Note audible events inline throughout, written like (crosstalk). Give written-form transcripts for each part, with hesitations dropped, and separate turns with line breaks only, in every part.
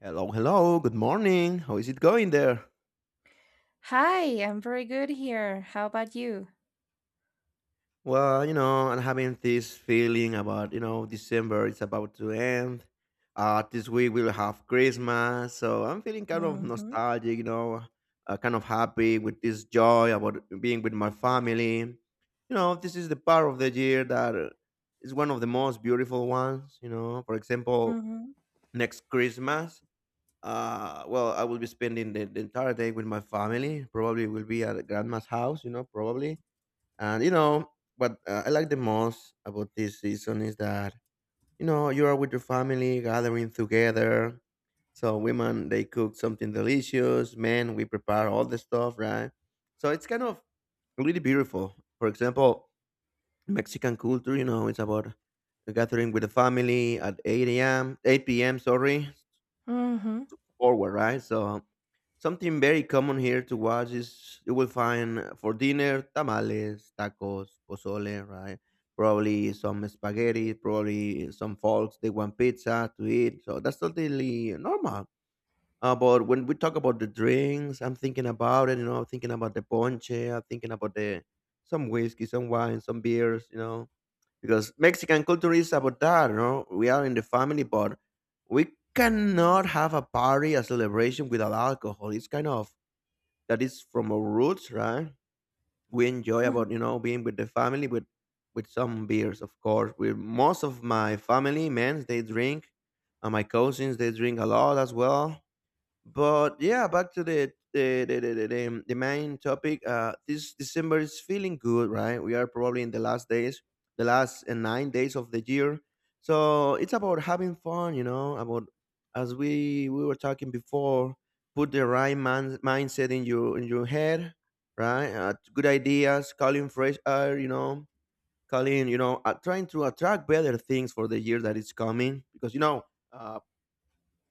Hello, hello, good morning. How is it going there?
Hi, I'm very good here. How about you?
Well, I'm having this feeling about, December is about to end. This week we'll have Christmas. So I'm feeling kind of
Mhm.
nostalgic. Kind of happy with this joy about being with my family. This is the part of the year that is one of the most beautiful ones. For example,
Mhm.
next Christmas, well, I will be spending the entire day with my family. Probably will be at grandma's house, probably. And you know what I like the most about this season is that you are with your family, gathering together. So women they cook something delicious. Men we prepare all the stuff, right? So it's kind of really beautiful. For example, Mexican culture, it's about gathering with the family at 8 a.m., 8 p.m., sorry,
Mhm.
forward, right? So something very common here to watch is you will find for dinner tamales, tacos, pozole, right? Probably some spaghetti, probably some folks they want pizza to eat. So that's totally normal. But when we talk about the drinks, I'm thinking about it, I'm thinking about the ponche, I'm thinking about the some whiskey, some wine, some beers. Because Mexican culture is about that. We are in the family, but we cannot have a party, a celebration without alcohol. It's kind of that is from our roots, right? We enjoy
Mhm.
about being with the family with some beers, of course. With most of my family, men, they drink, and my cousins they drink a lot as well. But yeah, back to the main topic. This December is feeling good, right? We are probably in the last days, the last 9 days of the year. So it's about having fun. About as we were talking before, put the right mindset in your head, right? Good ideas, calling fresh air, calling trying to attract better things for the year that is coming because you know. Uh,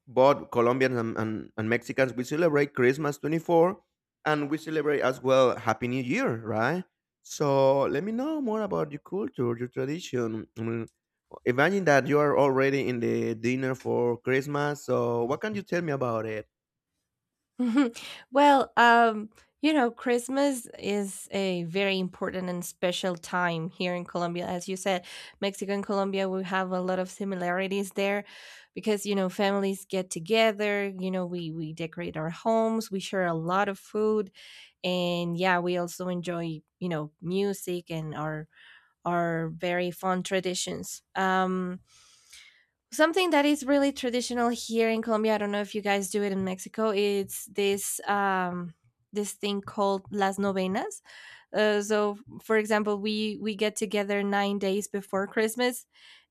but Colombians and Mexicans, we celebrate Christmas 24, and we celebrate as well Happy New Year, right? So let me know more about your culture, your tradition. I mean, imagine that you are already in the dinner for Christmas. So what can you tell me about it?
(laughs) Well, Christmas is a very important and special time here in Colombia. As you said, Mexico and Colombia, we have a lot of similarities there because, families get together, we decorate our homes, we share a lot of food, and yeah, we also enjoy, music and our very fun traditions. Something that is really traditional here in Colombia. I don't know if you guys do it in Mexico. It's this thing called las novenas. So, for example, we get together 9 days before Christmas,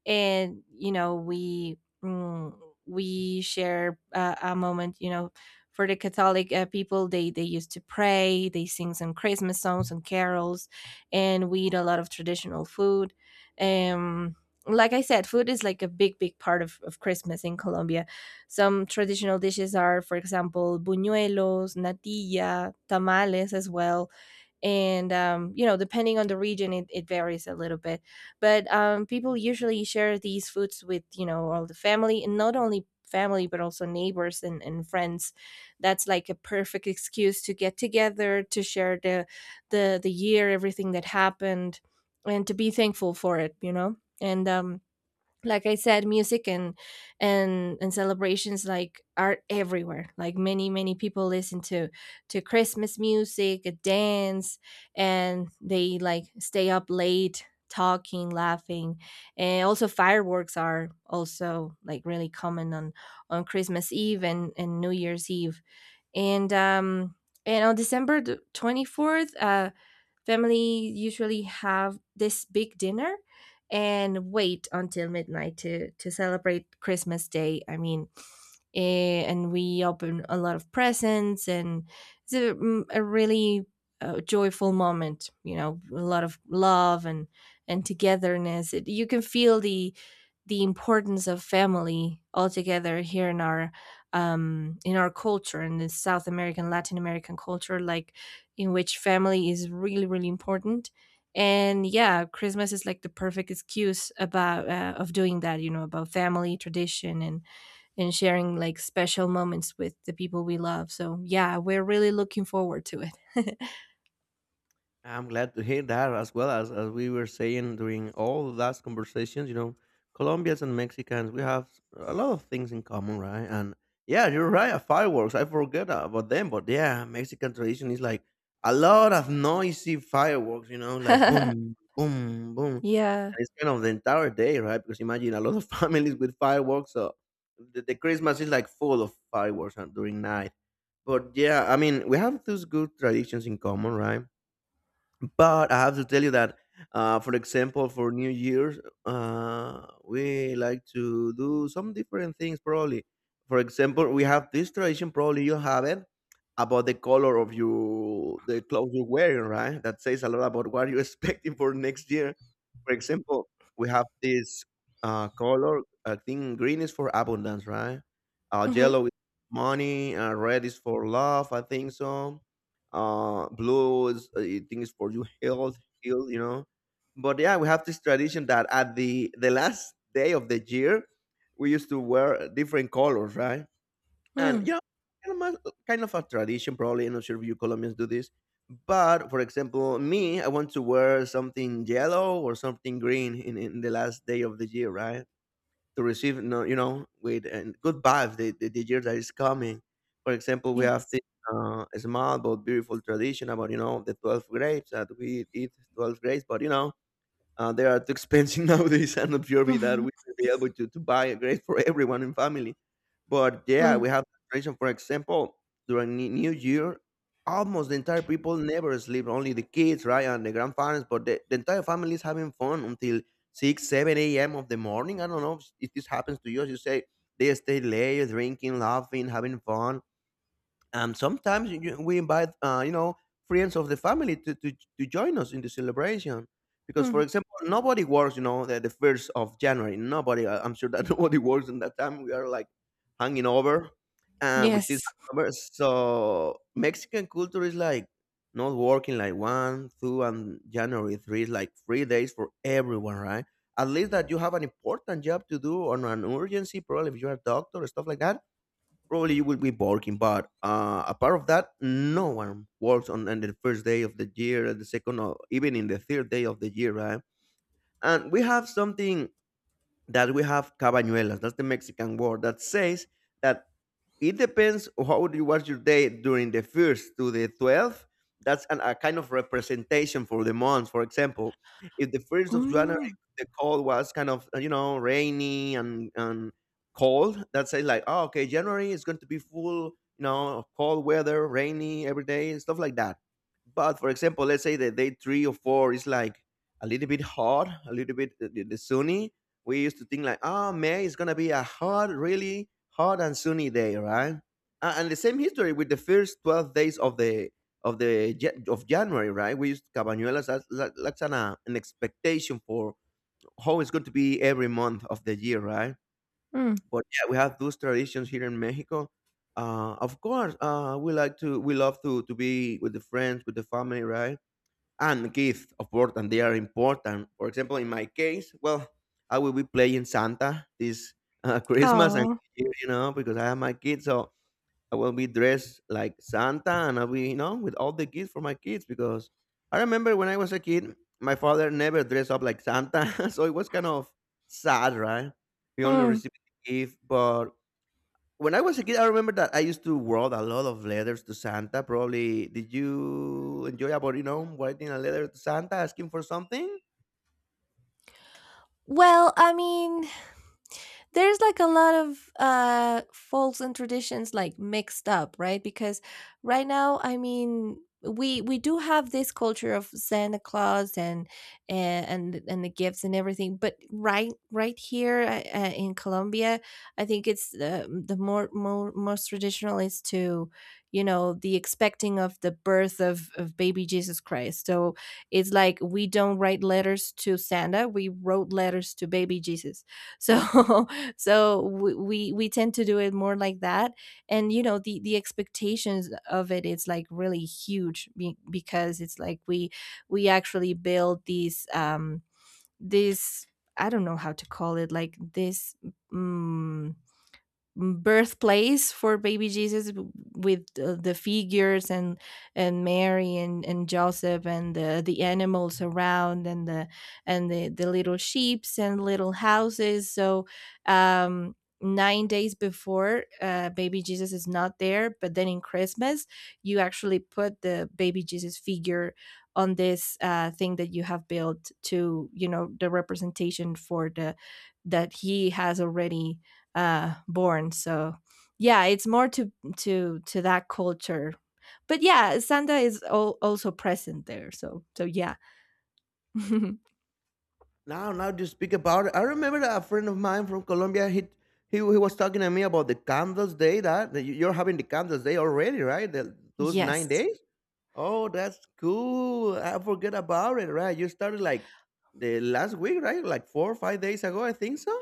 and mm, we share a moment. For the Catholic people, they used to pray, they sing some Christmas songs and carols, and we eat a lot of traditional food. Um, like I said, food is like a big, big part of Christmas in Colombia. Some traditional dishes are, for example, buñuelos, natilla, tamales as well, and depending on the region, it varies a little bit, but people usually share these foods with, all the family, and not only family but also neighbors and friends. That's like a perfect excuse to get together, to share the year, everything that happened, and to be thankful for it, and like I said, music and celebrations like are everywhere. Like, many many people listen to Christmas music, dance, and they like stay up late talking, laughing. And also, fireworks are also like really common on Christmas Eve and New Year's Eve. And um and on December the 24th, family usually have this big dinner and wait until midnight to celebrate Christmas Day. I mean, and we open a lot of presents, and it's a really, joyful moment. A lot of love and togetherness. You can feel the importance of family altogether here in our culture, in the South American, Latin American culture, like, in which family is really really important. And yeah, Christmas is like the perfect excuse about of doing that, about family tradition and sharing like special moments with the people we love. So yeah, we're really looking forward to it.
I'm glad to hear that, as well as we were saying during all last conversations, Colombians and Mexicans, we have a lot of things in common, right? And yeah, you're right, fireworks. I forget about them, but yeah, Mexican tradition is like a lot of noisy fireworks, like boom,
(laughs)
boom, boom. And
Yeah.
it's kind of the entire day, right? Because imagine a lot of (laughs) families with fireworks. So the Christmas is like full of fireworks during night. But yeah, I mean, we have those good traditions in common, right? But I have to tell you that, for example, for New Year's, we like to do some different things. Probably, for example, we have this tradition. Probably you have it about the color of your the clothes you're wearing, right? That says a lot about what you're (laughs) expecting for next year. For example, we have this color. I think green is for abundance, right?
Hmm.
Yellow is money. Red is for love, I think so. Blues, I think it's for you health heal. But yeah, we have this tradition that at the last day of the year we used to wear different colors, right. And
Mm.
kind of a tradition, probably I'm not sure if you Colombians do this. But for example, me, I want to wear something yellow or something green in the last day of the year, right. To receive no with and good vibes the year that is coming. For example, we have
Yes.
this small but beautiful tradition about the 12 grapes that we eat 12 grapes, but they are too expensive (laughs) nowadays. I'm not sure that we
Mhm.
will be able to buy a grade for (laughs) everyone in family. But yeah,
Mm.
we have tradition. For example, during New Year, almost the entire people never sleep. Only the kids, right, and the grandparents. But the entire family is having fun until 6, 7 a.m. of the morning. I don't know if this happens to you. As you say, they stay late, drinking, laughing, having fun, and sometimes we invite friends of the family to join us in the celebration. Because, for
Mm.
example, nobody works, the first of January nobody. I'm sure that (laughs) nobody works in that time. We are like hanging over, and with this
Yes.
hangover. So Mexican culture is like not working, like 1, 2 and January 3 is like 3 days for everyone, right? At least that you have an important job to do or an urgency. Probably if you're a doctor or stuff like that, probably you will be working. But apart of that, no one works on the first day of the year, the second, or even in the third day of the year, right? And we have something that we have cabañuelas. That's the Mexican word, that says that it depends how you was your day during the first to the 12th. That's a kind of representation for the month. For example, if the first of January
Mm.
the cold was kind of rainy, and cold, that says like, oh, okay, January is going to be full, of cold weather, rainy every day, and stuff like that. But for example, let's say that day three or four is like a little bit hot, a little bit the sunny. We used to think like, oh, May is gonna be a hot, really hot and sunny day, right? And the same history with the first 12 days of the of January, right? We used Cabañuelas as like an expectation for how it's going to be every month of the year, right?
Mm.
But yeah, we have those traditions here in Mexico. Of course, we love to be with the friends, with the family, right? And gift, of course, and they are important. For example, in my case, well, I will be playing Santa this (laughs) Christmas and
Oh.
New Year, because I have my kids. So I will be dressed like Santa, and I'll be with all the gifts for my kids, because I remember when I was a kid, my father never dressed up like Santa (laughs) so it was kind of sad, right? He only
Mm.
received the gift. But when I was a kid, I remember that I used to write a lot of letters to Santa. Probably, did you enjoy about writing a letter to Santa asking for something?
Well, I mean, there's like a lot of folks and traditions like mixed up, right, because right now, I mean, we do have this culture of Santa Claus and and the gifts and everything. But right here, in Colombia, I think it's, the more, more most traditional is to, the expecting of the birth of baby Jesus Christ. So, it's like we don't write letters to Santa, we wrote letters to baby Jesus. So, (laughs) so we tend to do it more like that. And the expectations of it's like really huge, because it's like we actually build these, these, I don't know how to call it, like this, mm, birthplace for baby Jesus, with the figures, and Mary and Joseph, and the animals around, and the little sheeps and little houses. So, um 9 days before, baby Jesus is not there, but then in Christmas you actually put the baby Jesus figure on this, thing that you have built to, the representation for the that he has already, born. So yeah, it's more to that culture. But yeah, Santa is also present there. So yeah. (laughs)
Now you speak about it. I remember that a friend of mine from Colombia. He was talking to me about the candles day. That you're having the candles day already, right? Those nine
Yes.
days. Oh, that's cool. I forget about it. Right, you started like the last week, right? Like 4 or 5 days ago, I think so.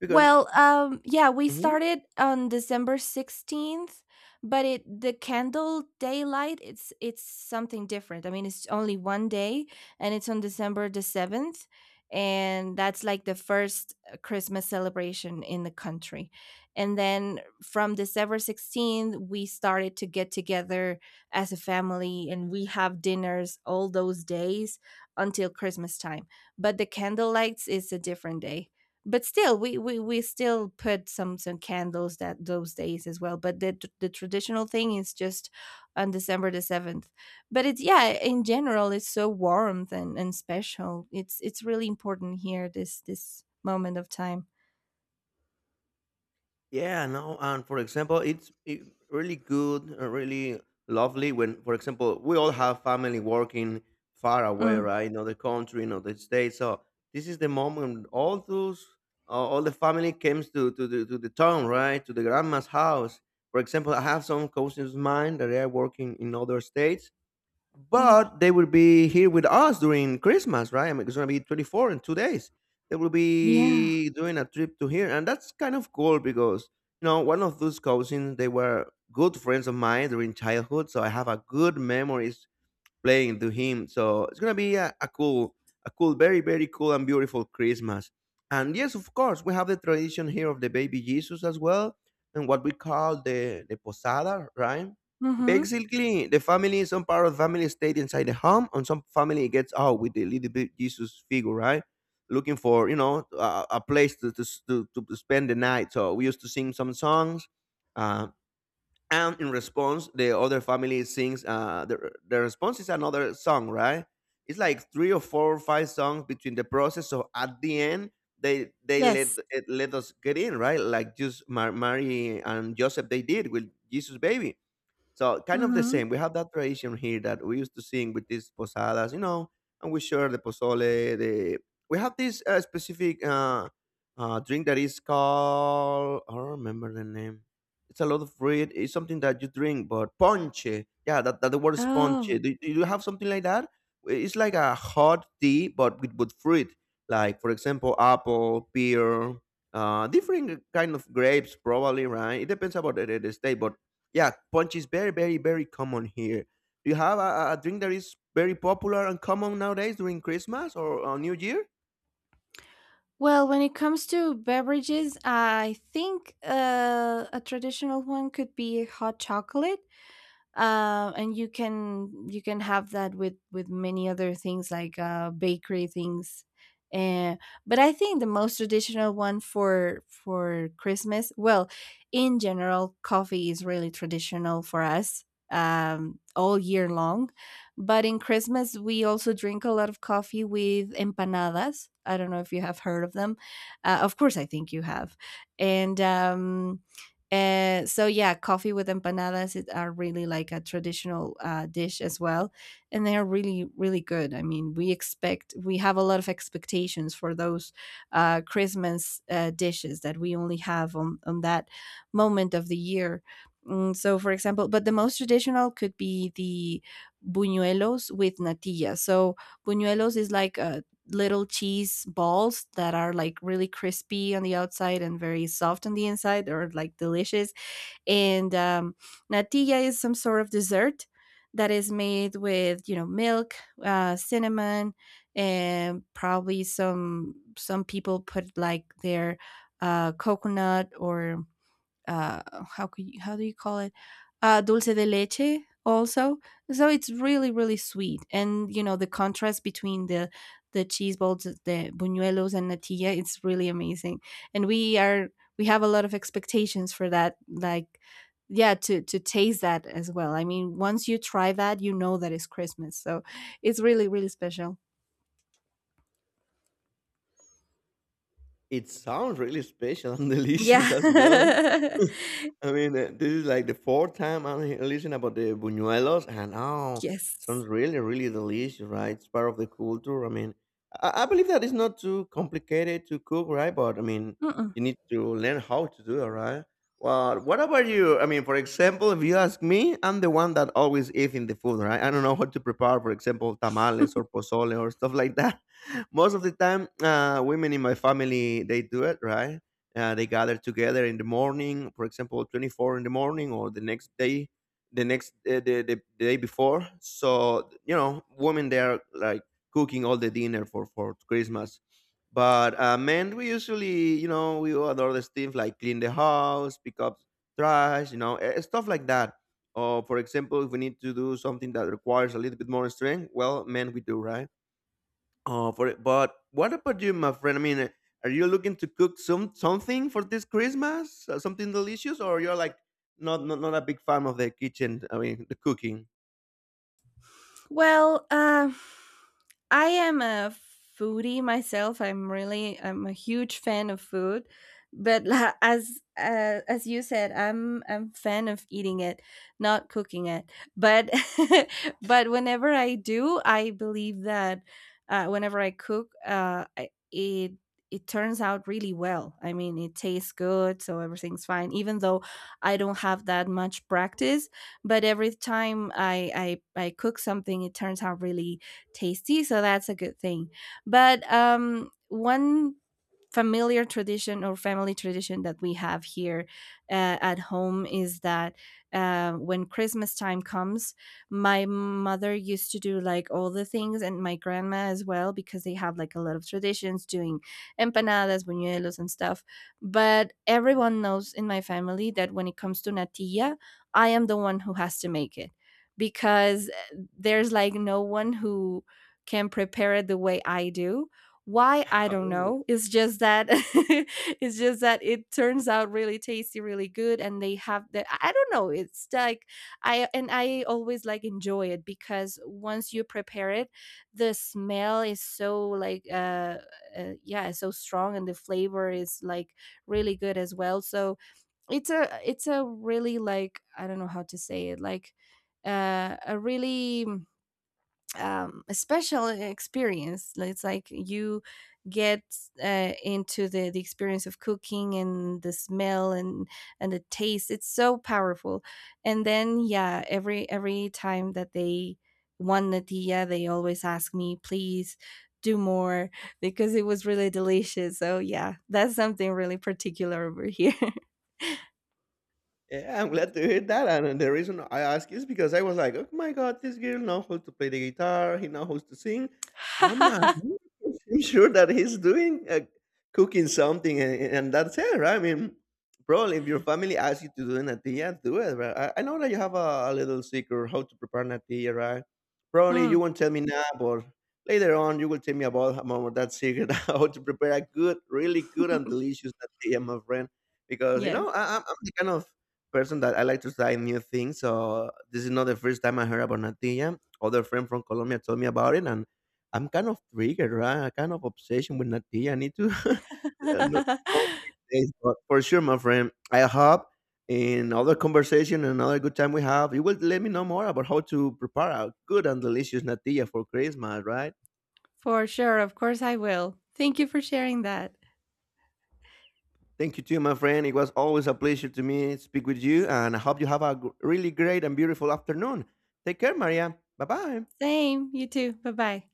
Because.
Well, yeah, we
Mhm.
started on December 16th, but it the candle daylight, it's something different. I mean, it's only one day, and it's on December the 7th, and that's like the first Christmas celebration in the country. And then from December 16th, we started to get together as a family, and we have dinners all those days until Christmas time. But the candle lights is a different day, but still, we still put some candles that those days as well. But the traditional thing is just on December the 7th. But it's, yeah, in general it's so warm and special. It's really important here, this moment of time.
Yeah, no, and for example, it's it really good, really lovely when, for example, we all have family working far away,
Mm.
right, in other country, in other state. So this is the moment all those, all the family comes to the town, right, to the grandma's house. For example, I have some cousins of mine that are working in other states,
Mm.
but they will be here with us during Christmas, right? I mean, it's gonna be 24 in 2 days. They will
Yeah.
be doing a trip to here, and that's kind of cool, because one of those cousins they were good friends of mine during childhood, so I have a good memories playing to him. So it's gonna be a cool, very very cool and beautiful Christmas. And yes, of course, we have the tradition here of the baby Jesus as well, and what we call the posada, right?
Mm-hmm.
Basically, the family, some part of the family stayed inside the home, and some family gets out with the little bit Jesus figure, right? Looking for a place to spend the night. So we used to sing some songs. Uh, and in response the other family sings the response is another song, right? It's like three or four or five songs between the process, so at the end they let
Yes.
it, let us get in, right? Like just Mary and Joseph, they did with Jesus baby, so kind of the
Mm-hmm.
same. We have that tradition here that we used to sing with these posadas, you know, and we share the pozole. The We have this specific drink that is called, I don't remember the name. It's a lot of fruit. It's something that you drink, but ponche. Yeah, that the word is ponche.
Oh.
Do you have something like that? It's like a hot tea, but with fruit. Like for example, apple, pear, different kind of grapes, probably. Right? It depends about the state, but yeah, punch is very, very, very common here. Do you have a drink that is very popular and common nowadays during Christmas or New Year?
Well, when it comes to beverages, I think, a traditional one could be hot chocolate, and you can have that with many other things like, bakery things. uh, but I think the most traditional one for Christmas, well, in general, coffee is really traditional for us, all year long. But in Christmas we also drink a lot of coffee with empanadas. I don't know if you have heard of them. Of course, I think you have. And um, and so yeah, coffee with empanadas, are really like a traditional, dish as well, and they are really really good. I mean, we have a lot of expectations for those, Christmas, dishes, that we only have on that moment of the year. So, for example, but the most traditional could be the buñuelos with natilla. So, buñuelos is like, little cheese balls that are like really crispy on the outside and very soft on the inside, or like delicious. And natilla is some sort of dessert that is made with, milk, cinnamon, and probably some people put like their, coconut, or, uh, how do you call it, dulce de leche, also. So, it's really really sweet. And the contrast between the cheese balls, the buñuelos, and natilla, it's really amazing. And we have a lot of expectations for that, like, yeah, to taste that as well. I mean, once you try that, you know that it's Christmas, so it's really really special.
It sounds really special and (laughs) delicious
Yeah.
as well.
(laughs)
(laughs) I mean, this is like the fourth time I'm listening about the buñuelos, and oh,
Yes.
sounds really, really delicious, right? It's part of the culture. I mean, I believe that it's not too complicated to cook, right? But I mean,
Mm-mm.
you need to learn how to do it, right? Well, what about you? I mean, for example, if you ask me, I'm the one that always eating the food, right? I don't know how to prepare, for example, tamales or pozole or stuff like that. (laughs) Most of the time, women in my family, they do it, right? They gather together in the morning, for example, 24th in the morning or the next day, the next the day before. So you know, women, they are like cooking all the dinner for Christmas. But men, we usually, you know, we do other things like clean the house, pick up trash, you know, stuff like that. Or for example, if we need to do something that requires a little bit more strength, well, men, we do, right? Oh, for it. But what about you, my friend? I mean, are you looking to cook some something for this Christmas? Something delicious, or you're like not not, not a big fan of the kitchen? I mean, the cooking.
Well, I am a foodie myself. I'm a huge fan of food, but as you said, I'm fan of eating it, not cooking it. But (laughs) but whenever I do, I believe that, whenever I cook, it turns out really well. I mean, it tastes good, so everything's fine. Even though I don't have that much practice, but every time I cook something, it turns out really tasty, so that's a good thing. But one familiar tradition, or family tradition, that we have here, at home, is that, when Christmas time comes, my mother used to do like all the things, and my grandma as well, because they have like a lot of traditions doing empanadas, buñuelos, and stuff. But everyone knows in my family that when it comes to natilla, I am the one who has to make it, because there's like no one who can prepare it the way I do. Why, I don't
Oh.
know. It's just that (laughs) it's just that it turns out really tasty, really good, and they have the I don't know, it's like I, and I always like enjoy it, because once you prepare it, the smell is so like, yeah, it's so strong, and the flavor is like really good as well. So, it's a really, like, I don't know how to say it, like, a really, a special experience. Like, it's like you get, into the experience of cooking, and the smell and the taste. It's so powerful. And then yeah, every time that they won natilla, they always ask me, please do more, (laughs) because it was really delicious. So yeah, that's something really particular over here.
Yeah, I'm glad to hear that. And the reason I ask is because I was like, oh my God, this girl knows how to play the guitar. He knows how to sing. I'm, a,
(laughs)
I'm (laughs) sure that he's doing cooking something, and that's it, right? I mean, probably if your family asks you to do natilla, do it, right? I know that you have a little secret how to prepare natilla, right? Probably you
Mm.
won't tell me now, but later on you will tell me about more that secret (laughs) how to prepare a good, really good and
(laughs)
delicious natilla, my friend. Because you
Yes.
know, I'm the kind of person that I like to try new things. So this is not the first time I heard about natilla. Other friend from Colombia told me about it, and I'm kind of triggered, right? I kind of obsession with natilla. I need to (laughs) not know
(laughs)
these days, but for sure, my friend. I hope in other conversation and another good time we have, you will let me know more about how to prepare a good and delicious natilla for Christmas, right?
For sure. Of course, I will. Thank you for sharing that.
Thank you too, my friend. It was always a pleasure to me speak with you, and I hope you have a really great and beautiful afternoon. Take care, Maria. Bye bye.
Same. You too. Bye bye.